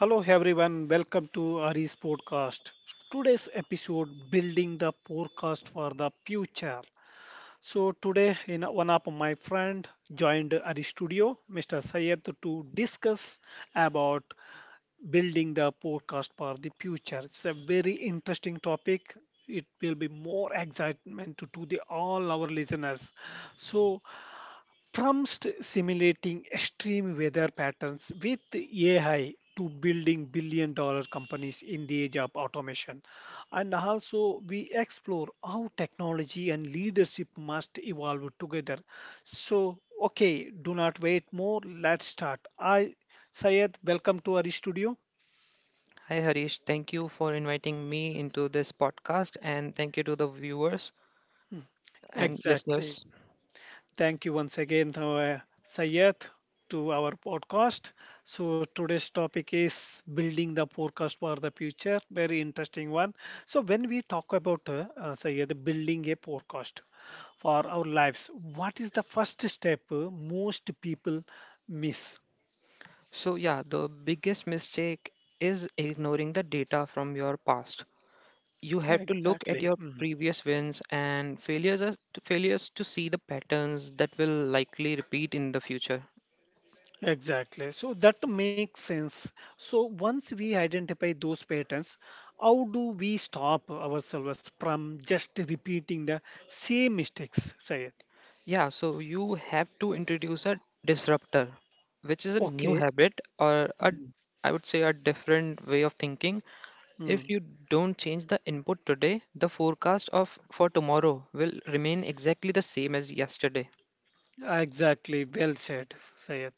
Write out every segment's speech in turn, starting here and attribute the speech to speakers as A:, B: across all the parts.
A: Hello everyone, welcome to Ari's podcast. Today's episode building the podcast for the future. So today in one of my friend joined Ari studio, Mr. Sayed to discuss about building the podcast for the future. It's a very interesting topic. It will be more excitement to the all our listeners. So Trumps simulating extreme weather patterns with AI to building billion dollar companies in the age of automation. And also, we explore how technology and leadership must evolve together. So, okay, do not wait more. Let's start. Sayed, welcome to our studio.
B: Hi Harish, thank you for inviting me into this podcast and thank you to the viewers and
A: Exactly.
B: listeners.
A: Thank you once again, Sayed, to our podcast. So today's topic is building the forecast for the future. Very interesting one. So when we talk about Sayed, building a forecast for our lives, what is the first step most people miss?
B: The biggest mistake is ignoring the data from your past. You have to look at
A: Exactly.
B: your
A: Mm.
B: previous wins and failures to see the patterns that will likely repeat in the future.
A: Exactly. So that makes sense. So once we identify those patterns, how do we stop ourselves from just repeating the same mistakes, Sayed?
B: You have to introduce a disruptor, which is a
A: Okay.
B: new habit or a, I would say, a different way of thinking.
A: Mm,
B: If you don't change the input today, the forecast of for tomorrow will remain exactly the same as yesterday.
A: exactly. Well said, Sayed.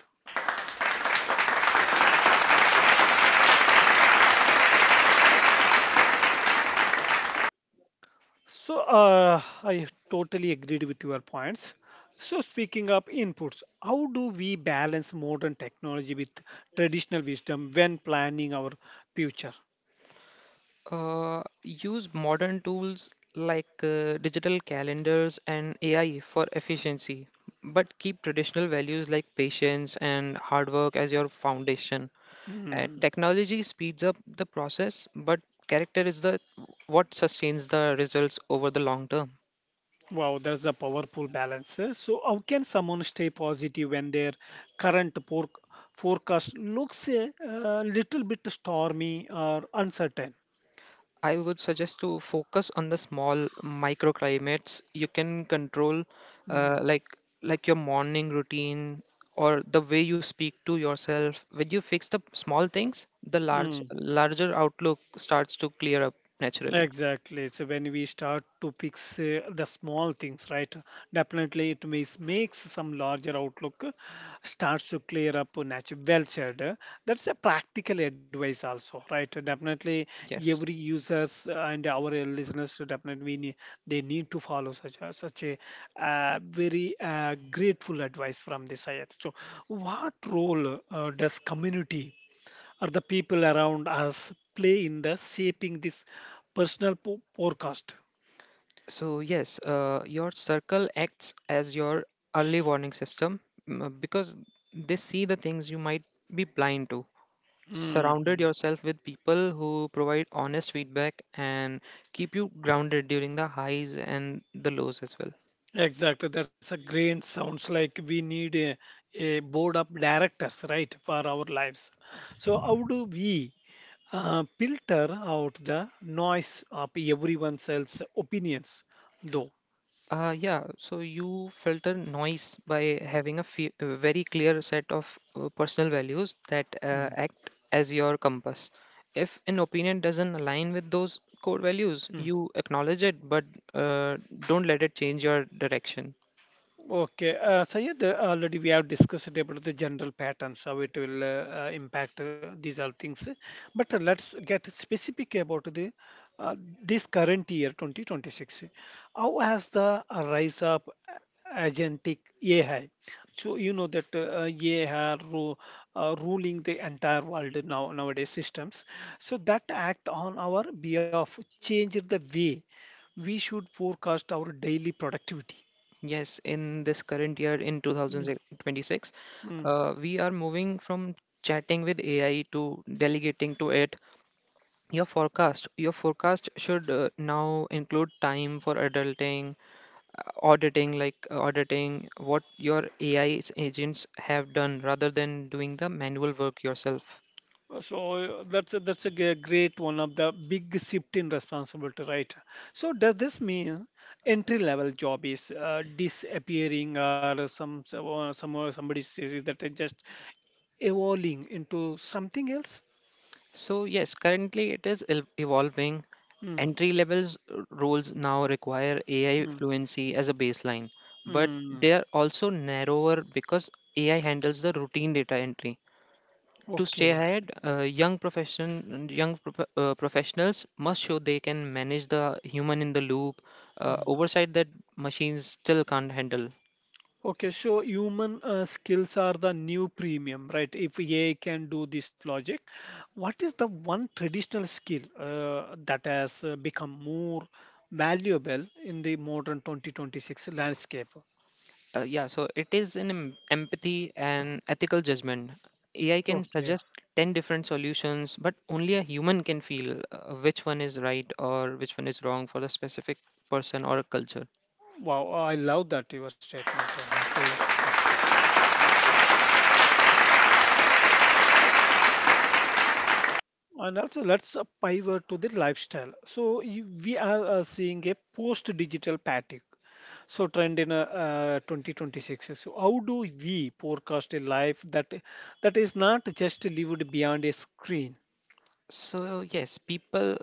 A: So I totally agreed with your points. So speaking of inputs, how do we balance modern technology with traditional wisdom when planning our future?
B: Use modern tools like digital calendars and AI for efficiency, but keep traditional values like patience and hard work as your foundation. And
A: Hmm.
B: technology speeds up the process, but character is the what sustains the results over the long term.
A: Wow, that's a powerful balance. Eh. So, how can someone stay positive when their current forecast looks a little bit stormy or uncertain?
B: I would suggest to focus on the small microclimates you can control,
A: Mm-hmm.
B: uh, like like your morning routine or the way you speak to yourself. When you fix the small things, the large
A: Mm.
B: larger outlook starts to clear up naturally.
A: Exactly. So when we start to fix the small things, right? Definitely, it makes some larger outlook starts to clear up. Natural, well said. That's a practical advice also, right? Definitely, every
B: Yes.
A: users and our listeners should definitely they need to follow such a very grateful advice from this side. So, what role does community? Or the people around us play in the shaping this personal forecast.
B: So yes, your circle acts as your early warning system, because they see the things you might be blind to. Surrounded
A: Mhm.
B: yourself with people who provide honest feedback and keep you grounded during the highs and the lows as well.
A: Exactly. That's a great sounds like we need a board of directors, right, for our lives. So how do we filter out the noise of everyone else's opinions, though?
B: Yeah, so you filter noise by having a very clear set of personal values that
A: Mm,
B: act as your compass. If an opinion doesn't align with those core values,
A: mm.
B: you acknowledge it, but don't let it change your direction.
A: Okay, so yeah, already we have discussed about the general patterns, how it will impact these all things. But let's get specific about the uh, this current year, 2026. How has the rise of agentic AI? So you know that AI are ruling the entire world nowadays systems. So that act on our behalf changed the way we should forecast our daily productivity.
B: Yes, in this current year, in
A: Mm,
B: 2026,
A: mm.
B: we are moving from chatting with AI to delegating to it. Your forecast should now include time for auditing, auditing what your AI agents have done rather than doing the manual work yourself.
A: So that's a great one of the big shift in responsibility, right? So does this mean entry level job is disappearing, or somebody says is that it just evolving into something else?
B: So yes, currently it is evolving.
A: Mm,
B: Entry levels r- roles now require AI
A: mm,
B: fluency as a baseline, but
A: mm.
B: they are also narrower because AI handles the routine data entry. To stay
A: Okay.
B: ahead, young professionals must show they can manage the human in the loop,
A: Hmm.
B: oversight that machines still can't handle.
A: Okay, so human skills are the new premium, right? If AI can do this logic, what is the one traditional skill that has become more valuable in the modern 2026 landscape?
B: Yeah, so it is empathy and ethical judgment. AI can
A: Okay,
B: suggest 10 different solutions, but only a human can feel which one is right or which one is wrong for the specific person or a culture.
A: wow, I love that your statement, Sayed. And also, let's pivot to the lifestyle. So, we are seeing a post-digital fatigue so trend in 2026. So how do we forecast a life that is not just lived beyond a screen?
B: So, yes, people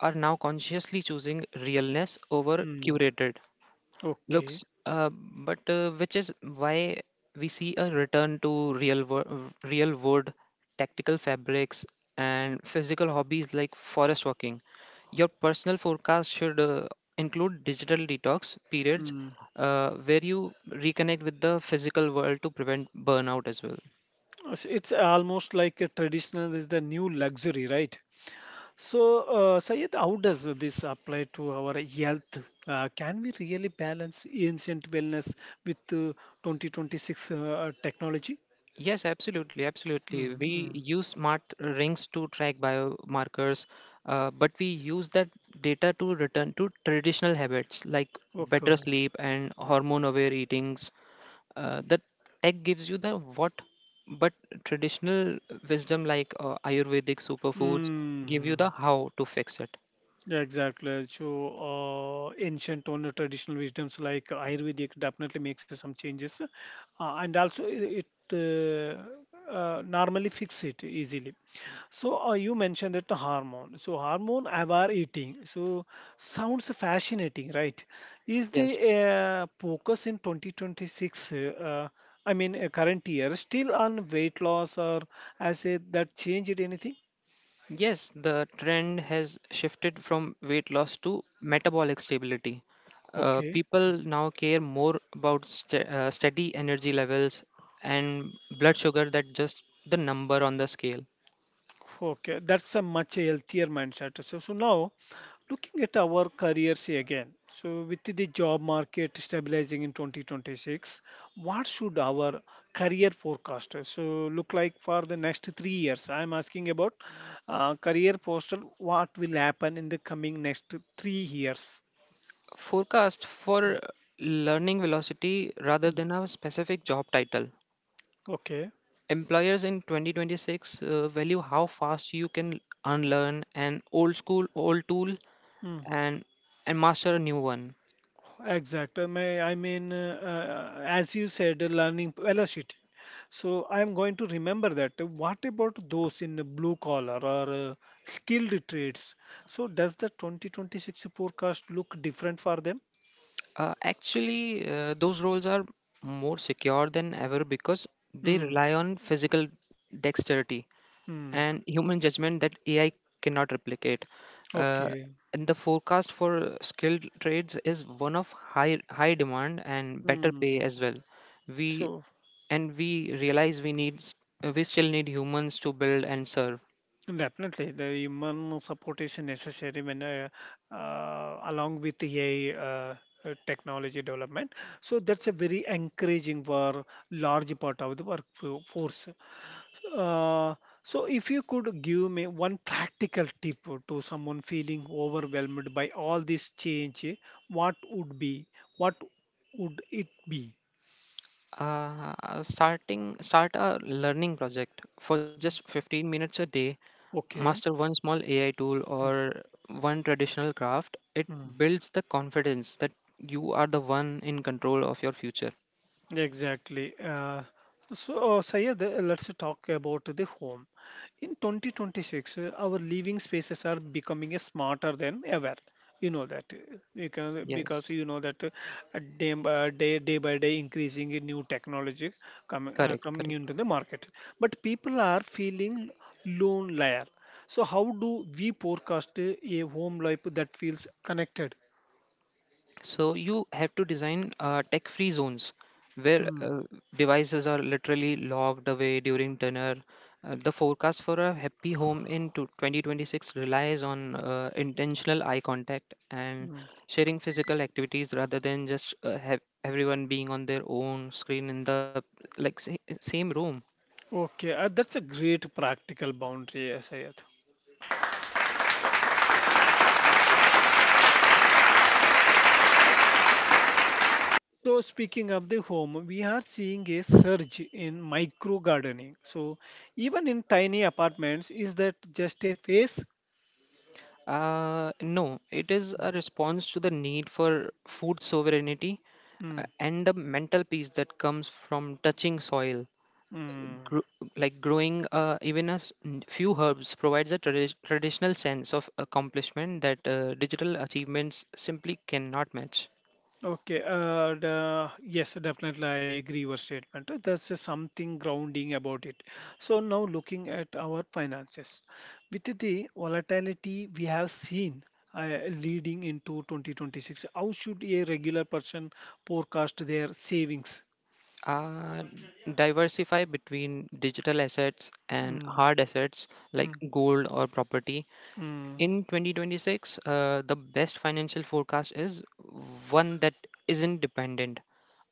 B: are now consciously choosing realness over
A: Hmm.
B: curated
A: Okay.
B: looks, but which is why we see a return to real wood tactical fabrics and physical hobbies like forest walking. Your personal forecast should include digital detox periods
A: Hmm.
B: where you reconnect with the physical world to prevent burnout as well.
A: It's almost like a traditional is the new luxury, right? So, Sayed, how does this apply to our health? Can we really balance ancient wellness with 2026 technology?
B: Yes, absolutely, absolutely. We
A: Mm-hmm.
B: use smart rings to track biomarkers, but we use that data to return to traditional habits like better
A: Okay.
B: sleep and hormone aware eatings. The tech gives you the what, but traditional wisdom like Ayurvedic superfoods give you the
A: Mm.
B: how to fix it.
A: Yeah, exactly. So, ancient or traditional wisdoms like Ayurvedic definitely makes some changes, and also it normally fix it easily. So, you mentioned that the hormone. So, hormone aware eating. So, sounds fascinating, right? Is the
B: Yes.
A: focus in 2026? I mean, current year still on weight loss, or that changed anything?
B: Yes, the trend has shifted from weight loss to metabolic stability.
A: Okay.
B: People now care more about steady energy levels and blood sugar than just the number on the scale.
A: Okay, that's a much healthier mindset. So now looking at our careers again. So with the job market stabilizing in 2026, what should our career forecast so look like for the next 3 years? I'm asking about career postal. What will happen in the coming next 3 years?
B: Forecast for learning velocity rather than a specific job title.
A: Okay.
B: Employers in 2026 value how fast you can unlearn an old tool
A: Hmm.
B: and master a new one.
A: Exactly. I mean, as you said, learning velocity. So I'm going to remember that. What about those in the blue collar or skilled trades? So does the 2026 forecast look different for them?
B: Actually, those roles are more secure than ever because they
A: Hmm.
B: rely on physical dexterity
A: Hmm.
B: and human judgment that AI cannot replicate. Uh,
A: Okay.
B: and the forecast for skilled trades is one of high demand and better pay
A: Hmm.
B: as well. We
A: So.
B: and we realize we still need humans to build and serve.
A: Definitely, the human support is necessary when along with AI technology development. So that's a very encouraging for large part of the workforce. Uh, so if you could give me one practical tip to someone feeling overwhelmed by all this change, what would be? What would it be?
B: Starting start a learning project for just 15 minutes a day. Master
A: Okay.
B: one small AI tool
A: Mm,
B: or one traditional craft. It
A: mm.
B: builds the confidence that you are the one in control of your future.
A: Exactly. So, Sayed, let's talk about the home. In 2026 our living spaces are becoming smarter than ever. You know that because
B: Yes,
A: you know that day by day increasing in new technology
B: correct,
A: coming
B: correct.
A: into the market, but people are feeling lonelier, so how do we forecast a home life that feels connected?
B: So you have to design tech-free zones where
A: Mm,
B: devices are literally locked away during dinner. The forecast for a happy home in to 2026 relies on intentional eye contact and
A: mm.
B: sharing physical activities rather than just have everyone being on their own screen in the like sa- same room.
A: Okay, that's a great practical boundary, Sayed. So, speaking of the home, we are seeing a surge in micro gardening. So, even in tiny apartments, is that just a phase?
B: No, it is a response to the need for food sovereignty
A: Mm,
B: and the mental peace that comes from touching soil.
A: mm.
B: Gr- growing even few herbs provides a traditional sense of accomplishment that digital achievements simply cannot match.
A: Okay, yes, definitely I agree your statement. There's just something grounding about it. So now looking at our finances, with the volatility we have seen uh, leading into 2026, how should a regular person forecast their savings?
B: Uh, Diversify between digital assets and
A: Mm,
B: hard assets like
A: mm,
B: gold or property.
A: mm.
B: In 2026, the best financial forecast is one that isn't dependent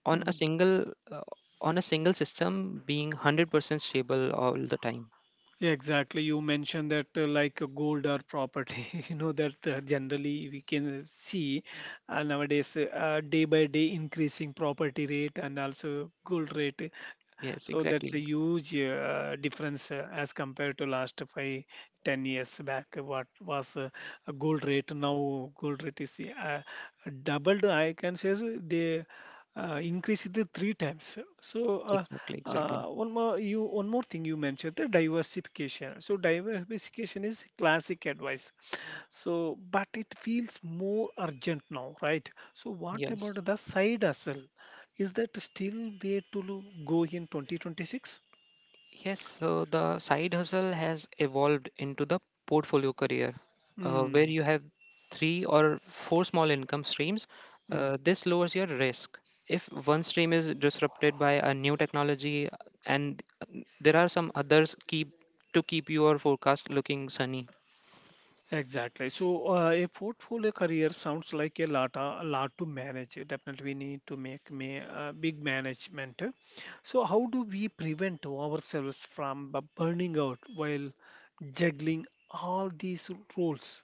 B: on
A: Mm.
B: uh, a single system being 100% stable all the time.
A: Yeah, exactly. You mentioned that like gold or property, that generally we can see nowadays day by day increasing property rate and also gold rate.
B: Yes,
A: So that's
B: exactly.
A: a huge difference as compared to last five, 10 years back. What was a gold rate now? Gold rate is doubled. I can say so they increased it three times. So
B: Exactly, exactly.
A: one more thing you mentioned the diversification. So diversification is classic advice. So but it feels more urgent now, right? So what
B: Yes.
A: about the side hustle? Is that still way to go in 2026?
B: Yes, so the side hustle has evolved into the portfolio career, where
A: Mm,
B: you have three or four small income streams.
A: mm,
B: This lowers your risk. If one stream is disrupted by a new technology, and there are some others keep to keep your forecast looking sunny.
A: exactly. So a portfolio career sounds like a lot to manage. Definitely, we need to make me big management. So how do we prevent ourselves from burning out while juggling all these roles?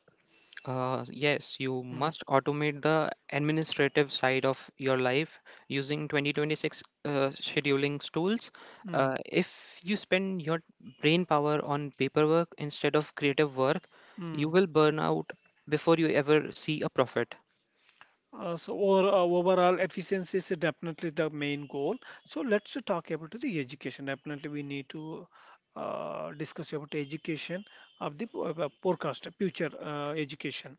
B: Yes, you
A: Mm,
B: must automate the administrative side of your life using 2026 scheduling tools.
A: mm,
B: If you spend your brain power on paperwork instead of creative work, you
A: mm.
B: will burn out before you ever see a profit.
A: So overall efficiency is definitely the main goal. So let's talk about the education. Definitely we need to discuss about education of the forecast future education.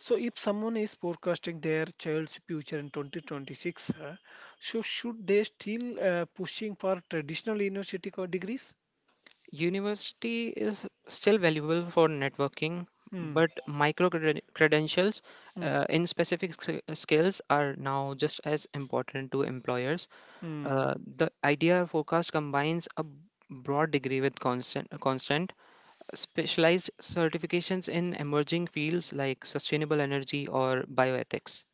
A: So if someone is forecasting their child's future in 2026, so should they still pushing for traditional university degrees?
B: University is still valuable for networking,
A: Hmm.
B: but credentials
A: Hmm.
B: in skills are now just as important to employers.
A: Hmm.
B: The IDR forecast combines a broad degree with constant specialized certifications in emerging fields like sustainable energy or bioethics.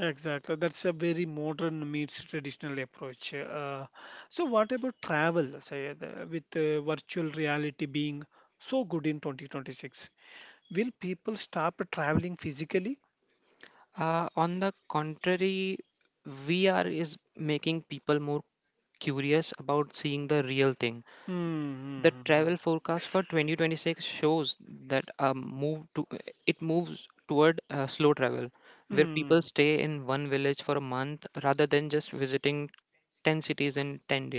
A: Exactly. That's a very modern meets traditional approach. So what about travel, Sayed, with virtual reality being so good in 2026? Will people stop traveling physically?
B: On the contrary, VR is making people more curious about seeing the real thing. The
A: Mm-hmm.
B: travel forecast for 2026 shows that a move to it moves toward slow travel, where
A: Mm.
B: people stay in one village for a month rather than just visiting 10 cities in 10 days.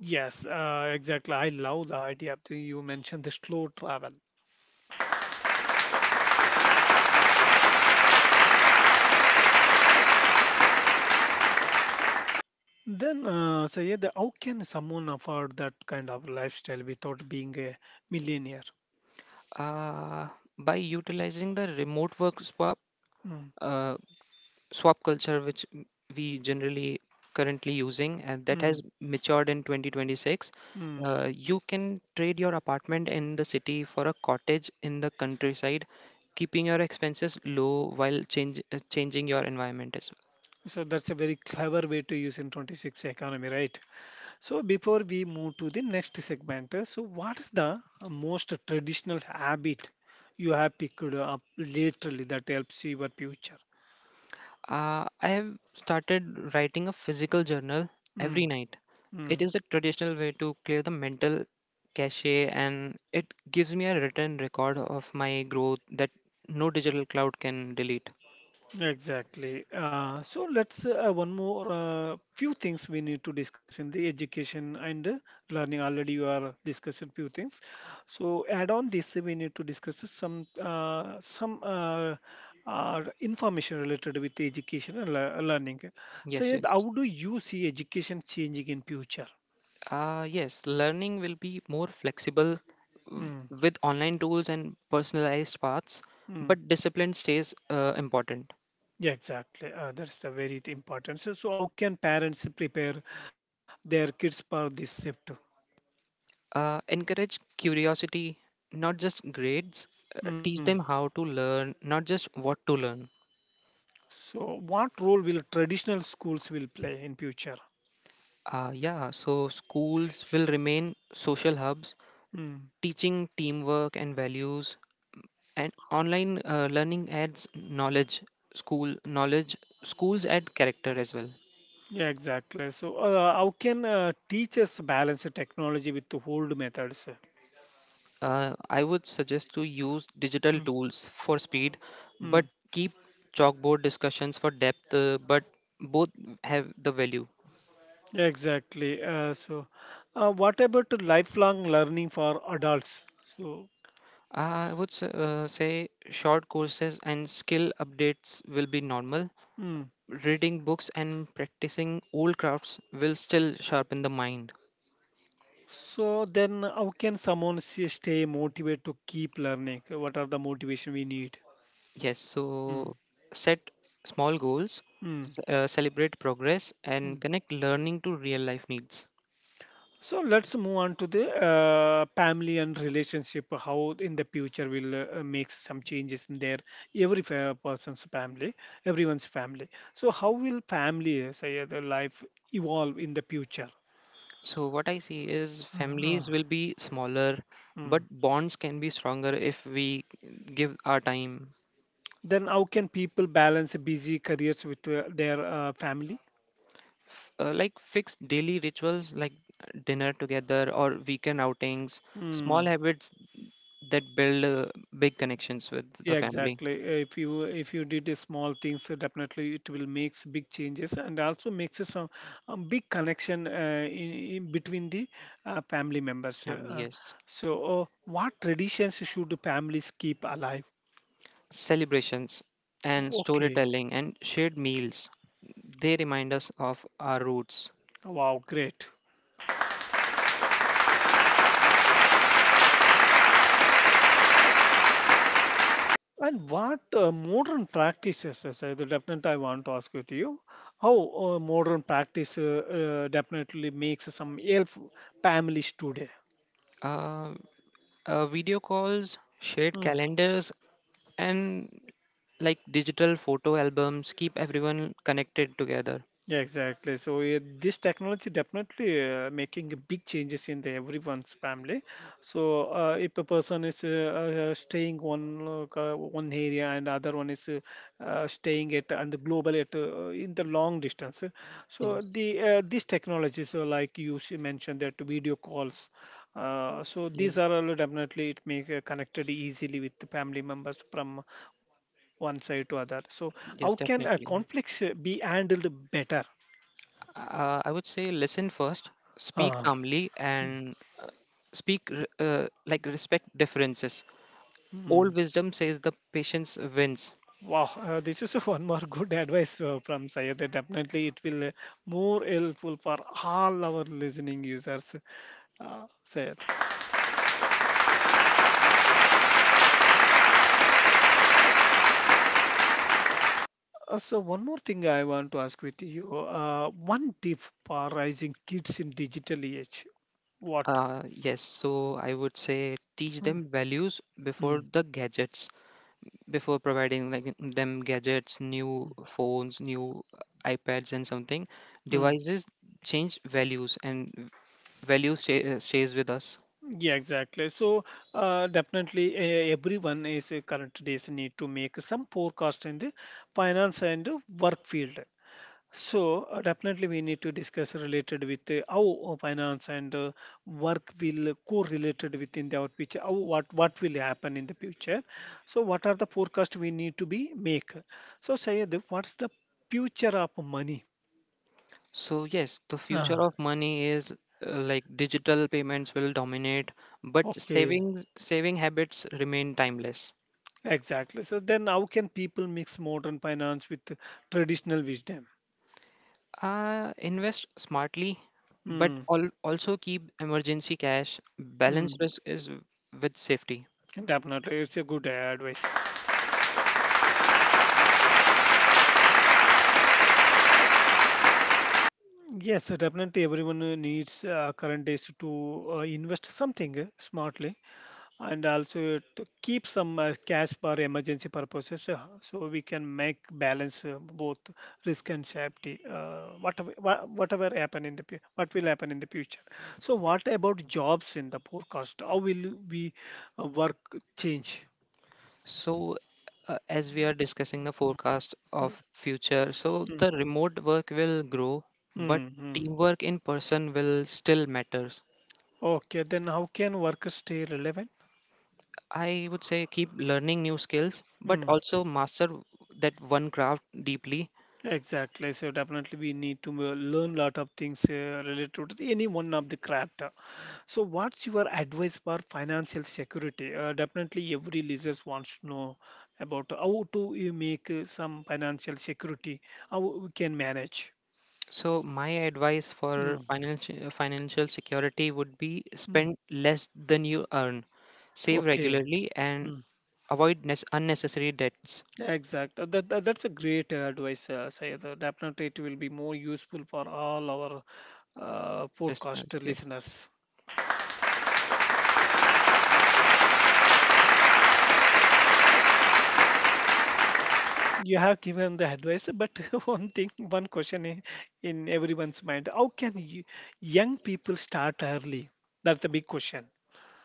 A: Yes, exactly. I love the idea of you mentioned the slow travel. Then, Sayed, how can someone afford that kind of lifestyle without being a millionaire?
B: uh, by utilizing the remote work swap
A: Mm,
B: uh, swap culture, which m- we generally currently using and that
A: mm,
B: has matured in 2026,
A: mm.
B: you can trade your apartment in the city for a cottage in the countryside, keeping your expenses low while changing your environment as well.
A: So that's a very clever way to use in 26 economy, right? So before we move to the next segment, so what's the most traditional habit you have picked up lately that helps your future?
B: I have started writing a physical journal every
A: Mm,
B: night.
A: mm.
B: It is a traditional way to clear the mental cache, and it gives me a written record of my growth that no digital cloud can delete.
A: Exactly. So let's one more few things we need to discuss in the education and learning. Already you are discussing few things. So add on this, we need to discuss some information related with education and learning.
B: Yes,
A: So how
B: yes.
A: do you see education changing in future?
B: Yes, Learning will be more flexible w-
A: Mm,
B: with online tools and personalized paths,
A: mm.
B: but discipline stays important.
A: Yeah, exactly. That's the very important. So, how can parents prepare their kids for this shift?
B: Encourage curiosity, not just grades.
A: Hmm.
B: Teach them how to learn, not just what to learn.
A: So, what role will traditional schools will play in future?
B: Yeah, so schools will remain social hubs,
A: Mm.
B: teaching teamwork and values, and online learning adds knowledge, school knowledge, schools add character as well.
A: Yeah, exactly. So, how can teachers balance the technology with the old methods?
B: I would suggest to use digital
A: Mm.
B: tools for speed,
A: Mm.
B: but keep chalkboard discussions for depth. But both have the value.
A: Yeah, exactly. So, what about the lifelong learning for adults? So,
B: I would say short courses and skill updates will be normal.
A: mm.
B: Reading books and practicing old crafts will still sharpen the mind.
A: So then how can someone stay motivated to keep learning? What are the motivation we need?
B: Yes, so set small goals,
A: Mm.
B: celebrate progress, and
A: Mm.
B: connect learning to real life needs.
A: So let's move on to the family and relationship. How in the future will make some changes in their every person's family, everyone's family. So how will family, say, the life evolve in the future?
B: So, what I see is
A: Uh-huh.
B: families will be smaller, but
A: Mm.
B: bonds can be stronger if we give our time.
A: Then how can people balance busy careers with their family?
B: Like fixed daily rituals like dinner together or weekend outings, small
A: Mm.
B: habits that build big connections with the
A: Yeah,
B: family.
A: exactly. If you did a small things, so definitely it will makes big changes and also makes a some big connection in between the family members. Uh,
B: Family,
A: uh,
B: yes.
A: so, uh, what traditions should families keep alive?
B: Celebrations and
A: Okay,
B: storytelling and shared meals. They remind us of our roots.
A: wow, great. And what modern practices? Is, so the definite I want to ask with you. How modern practice definitely makes some help families today?
B: Uh, Video calls, shared
A: Hmm.
B: calendars, and digital photo albums keep everyone connected together.
A: Yeah, exactly. So yeah, this technology definitely making big changes in the everyone's family. So if a person is staying one one area and other one is staying at and the global at in the long distance. So
B: Yes,
A: the this technology, so like you mentioned that video calls. So these
B: yes,
A: are all definitely it make connected easily with the family members from one side to other. So how can a
B: yes, definitely.
A: conflict be handled better?
B: I would say listen first, speak
A: Uh,
B: calmly, and uh, speak re- like respect differences.
A: hmm.
B: Old wisdom says the patience wins.
A: Wow, this is one more good advice from Sayed. Definitely, it will more helpful for all our listening users. Sayed. So, one more thing I want to ask with you. One tip for raising kids in digital age. What?
B: Yes, so I would say teach
A: Hmm.
B: them values
A: Hmm.
B: before the gadgets, before providing them gadgets, new phones, new iPads, and something.
A: Mm,
B: Devices change values, and value stays with us.
A: Yeah, exactly. So, definitely, everyone is current days need to make some forecast in the finance and work field. So definitely we need to discuss related with how finance and work will correlated within the our future. How what will happen in the future? So what are the forecast we need to be make? So Sayed, what's the future of money?
B: So, yes, the future
A: Ah,
B: of money is digital payments will dominate, but
A: okay,
B: saving habits remain timeless.
A: exactly. So then how can people mix modern finance with traditional wisdom?
B: Invest smartly, but
A: Hmm.
B: also keep emergency cash. Balance
A: Hmm.
B: risk with safety.
A: Definitely, it's a good advice. Yes, definitely. Everyone needs current days to invest something smartly and also to keep some cash for emergency purposes so we can make balance both risk and safety. Whatever happen in the what will happen in the future. So, what about jobs in the forecast? How will we work change?
B: So, as we are discussing the forecast
A: Mm,
B: of future, so
A: mm,
B: the remote work will grow, but
A: mm, mm.
B: teamwork in person will still matter.
A: Okay, then how can workers stay relevant?
B: I would say keep learning new skills, but
A: Hmm.
B: also master that one craft deeply.
A: Exactly. So definitely we need to learn lot of things related to any one of the craft. So what's your advice for financial security? Definitely every listeners wants to know about how to you make some financial security, how we can manage.
B: So my advice for
A: Mm,
B: financial security would be
A: mm.
B: spend less than you earn, save
A: Okay.
B: regularly, and
A: Mm,
B: avoid unnecessary debts.
A: Exact. That's a great advice, Syed. Definitely, it will be more useful for all our podcast
B: Listeners, yes.
A: listeners. You have given the advice but one question in everyone's mind. How can you, young people start early? That's the big question.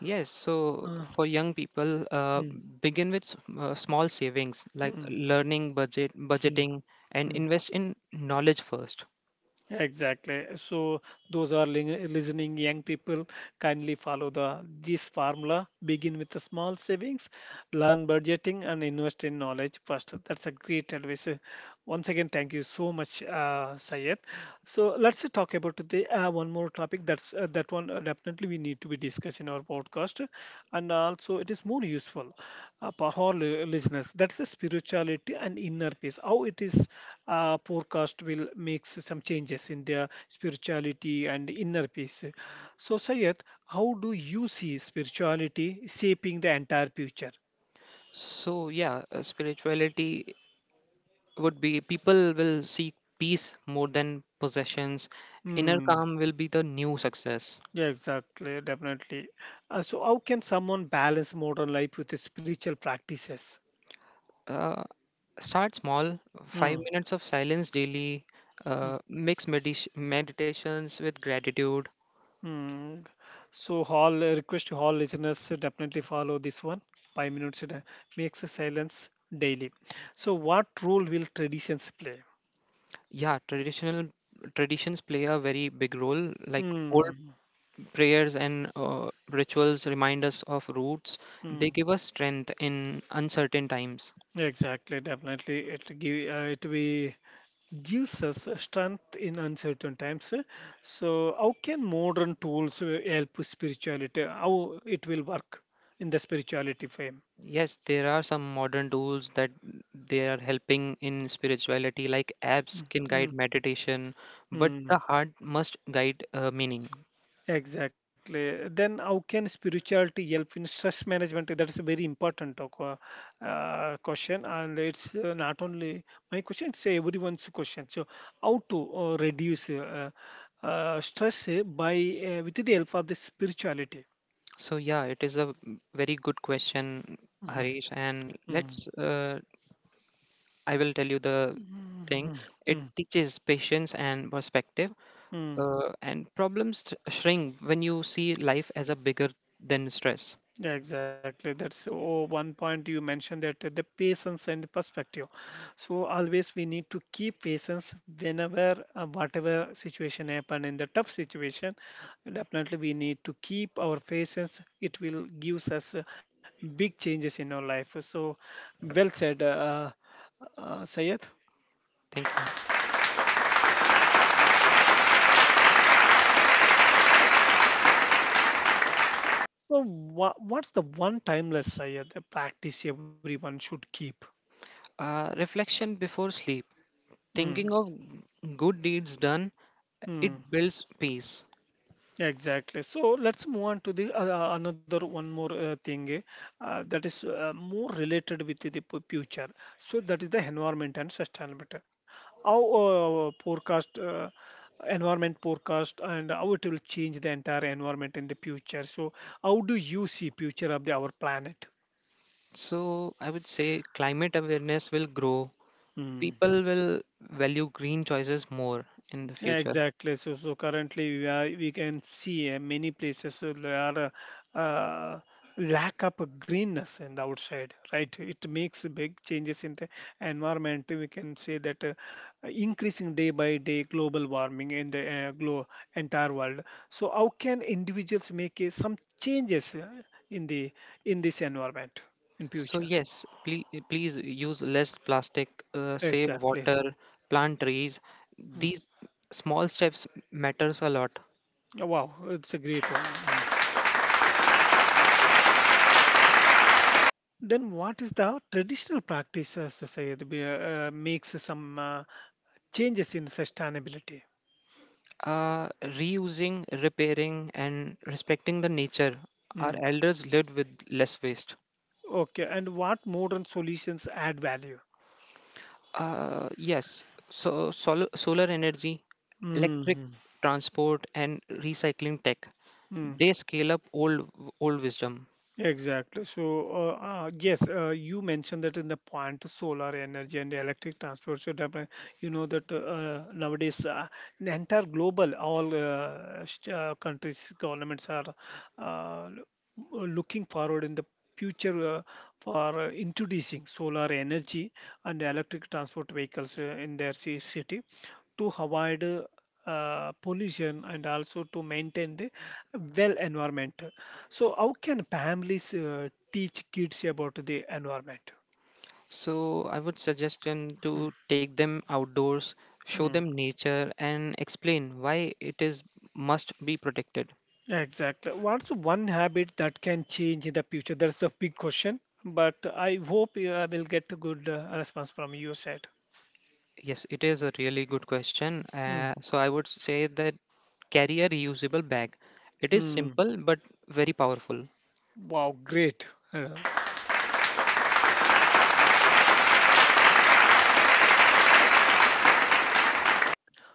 B: Yes, so
A: Uh,
B: for young people,
A: mm,
B: begin with small savings like
A: mm,
B: learning
A: mm,
B: budgeting, and
A: mm.
B: invest in knowledge first.
A: Exactly. So those are listening young people, kindly follow the this formula. Begin with the small savings, learn budgeting, and invest in knowledge first. That's a great advice. Once again, thank you so much, Sayed. So let's talk about the one more topic. That's that one definitely we need to be discussed in our podcast, and also it is more useful for all listeners. That's the spirituality and inner peace. How it is forecast will make some changes in their spirituality and inner peace. So, Sayed, how do you see spirituality shaping the entire future?
B: So yeah, spirituality would be people will seek peace more than possessions. Inner
A: Hmm.
B: calm will be the new success.
A: Yeah, exactly. Definitely. So, how can someone balance modern life with the spiritual practices?
B: Uh, Start small,
A: Hmm.
B: 5 minutes of silence daily,
A: Hmm.
B: mix meditations with gratitude.
A: hmm. So, all request to all listeners to definitely follow this one. 5 minutes makes a silence daily. So, what role will traditions play?
B: Yeah, traditional traditions play a very big role. Like old
A: Hmm.
B: prayers and rituals remind us of roots.
A: Hmm.
B: They give us strength in uncertain times.
A: Exactly, definitely. It give it we gives us strength in uncertain times. So, how can modern tools help spirituality? How it will work in the spirituality frame?
B: Yes, there are some modern tools that they are helping in spirituality, like apps
A: Mm,
B: can guide
A: mm,
B: meditation, but the
A: mm.
B: heart must guide meaning.
A: Exactly. Then how can spirituality help in stress management? That's a very important talk, question, and it's not only my question; it's everyone's question. So, how to reduce stress by with the help of the spirituality?
B: So yeah, it is a very good question,
A: Mhm.
B: Harish. And
A: Mhm.
B: I will tell you the thing.
A: Mhm.
B: It
A: Mhm.
B: teaches patience and perspective,
A: Mhm.
B: and problems shrink when you see life as a bigger than stress.
A: Yeah, exactly. That's oh, one point you mentioned that the patience and the perspective. So always we need to keep patience whenever whatever situation happen in the tough situation. Definitely we need to keep our patience. It will gives us big changes in our life. So well said, Sayed.
B: Thank you.
A: So what's the one timeless Sayed practice everyone should keep?
B: Reflection before sleep. Thinking
A: Hmm.
B: of good deeds done,
A: hmm.
B: it builds peace.
A: Exactly. So let's move on to the another one more thing that is more related with the future. So that is the environment and sustainability. Our forecast, environment forecast, and how it will change the entire environment in the future. So how do you see future of the, our planet?
B: So I would say climate awareness will grow.
A: Hmm.
B: People will value green choices more in the future.
A: Exactly. So, we can see many places there are uh, uh, lack of greenness in the outside, right? It makes big changes in the environment. We can say that increasing day by day global warming in the glo entire world. So, how can individuals make some changes in the in this environment in
B: So
A: future?
B: yes, please, please use less plastic, save
A: Exactly.
B: water, plant trees.
A: Mm.
B: These small steps matters a lot.
A: Wow, it's a great one. Hmm. Then what is the traditional practice as society makes some changes in sustainability?
B: Uh, Reusing, repairing, and respecting the nature. Our
A: Mm.
B: elders lived with less waste.
A: Okay, and what modern solutions add value?
B: Uh, yes, Solar energy,
A: Hmm
B: electric
A: hmm,
B: transport, and recycling tech,
A: hmm.
B: they scale up old wisdom.
A: Exactly. So, yes, you mentioned that in the point solar energy and electric transport. So, definitely, you know that nowadays the entire global, all countries, governments are uh, looking forward in the future for introducing solar energy and electric transport vehicles in their city to avoid pollution and also to maintain the well environment. So how can families teach kids about the environment?
B: So I would suggest them to take them outdoors, show
A: Mm,
B: them nature, and explain why it is must be protected.
A: exactly. What's one habit that can change in the future? That's the big question. But I hope I will get a good response from your side.
B: Yes, it is a really good question.
A: Mm,
B: So I would say that carry a reusable bag. It is
A: mm.
B: simple but very powerful.
A: Wow, great. Uh,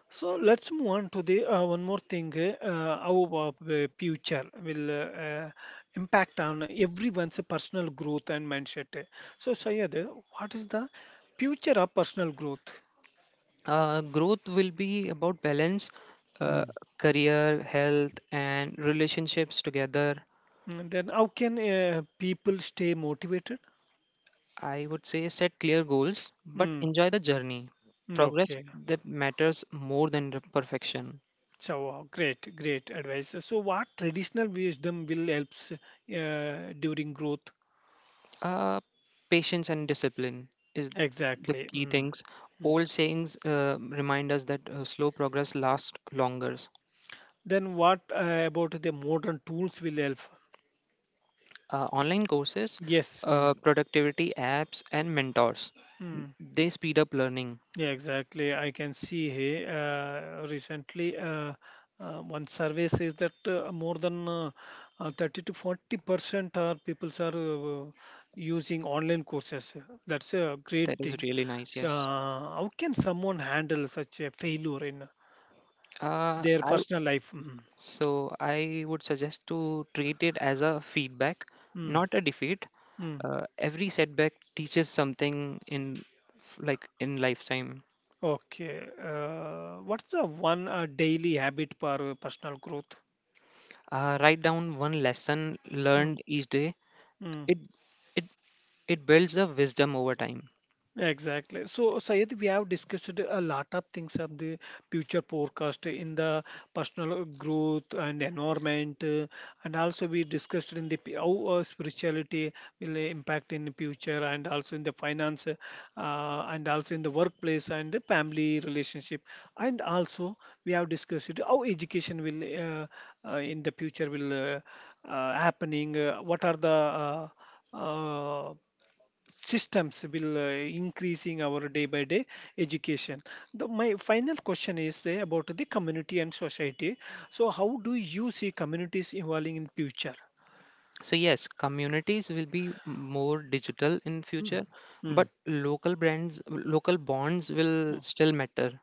A: So let's move on to the one more thing. Our future will uh, impact on everyone's personal growth and mindset. So Syed, what is the future of personal growth?
B: Growth will be about balance, uh,
A: Hmm.
B: career, health, and relationships together.
A: Mm, Then how can people stay motivated?
B: I would say set clear goals, but
A: Mm,
B: enjoy the journey. Progress
A: okay.
B: that matters more than the perfection.
A: So great, great advice. So what traditional wisdom will helps during growth?
B: Uh, Patience and discipline is the
A: Exactly.
B: key
A: Mm.
B: things.
A: mm.
B: Old sayings remind us that slow progress lasts longer.
A: Then what about the modern tools will help?
B: Online courses,
A: Yes. Mm.
B: productivity apps, and mentors.
A: Mm.
B: They speed up learning.
A: Yeah, exactly. I can see here recently one survey says that more than 30 to 40% are people are using online courses. That's a
B: That
A: great
B: is
A: thing.
B: really nice.
A: So,
B: Yes.
A: how can someone handle such a failure in
B: Uh,
A: their
B: I w-
A: personal life? Mm.
B: so I would suggest to treat it as a feedback,
A: Mm.
B: not a defeat.
A: Mm.
B: Every setback teaches something like in lifetime.
A: Okay. What's the one daily habit for personal growth?
B: Write down one lesson
A: Mm.
B: learned each day.
A: Mm.
B: It it it builds a wisdom over time.
A: Exactly. So, Sayed, we have discussed a lot of things of the future forecast in the personal growth and environment, and also we discussed in the how spirituality will impact in the future, and also in the finance, and also in the workplace and the family relationship, and also we have discussed how education will in the future will happening. What are the uh, uh, systems will increasing our day by day education. The, my final question is there about the community and society. So how do you see communities evolving in future?
B: So yes, communities will be more digital in
A: Mm,
B: future,
A: mm,
B: but local brands, local bonds will
A: mm.
B: still matter.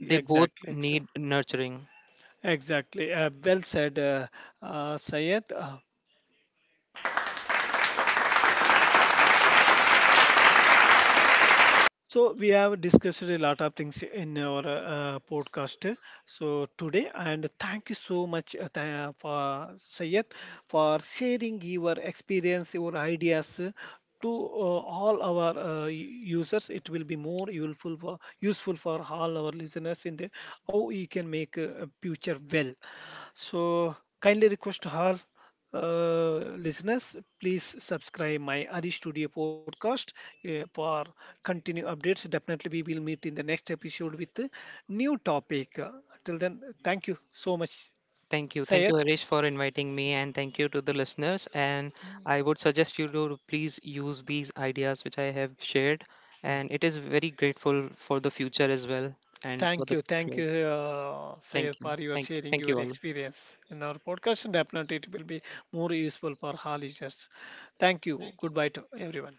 B: They both
A: exactly so-
B: need nurturing.
A: exactly, well said, Sayed. So we have discussed a lot of things in our podcast. So today, and thank you so much for Sayed for sharing your experience, your ideas to all our users. It will be more useful for all our listeners in the how you can make a future well. So kindly request her listeners, please subscribe my Ari Studio podcast for continue updates. Definitely, we will meet in the next episode with a new topic. Till then, thank you so much,
B: Thank you. Thank
A: Sayed.
B: you, Harish, for inviting me, and thank you to the listeners. And I would suggest you to please use these ideas which I have shared, and it is very grateful for the future as well and for the
A: Thank you,
B: grades.
A: Sayed,
B: Thank you.
A: for your sharing
B: Thank
A: your
B: you all.
A: experience in our podcast. Definitely, it will be more useful for our listeners. Thank you. Goodbye to everyone.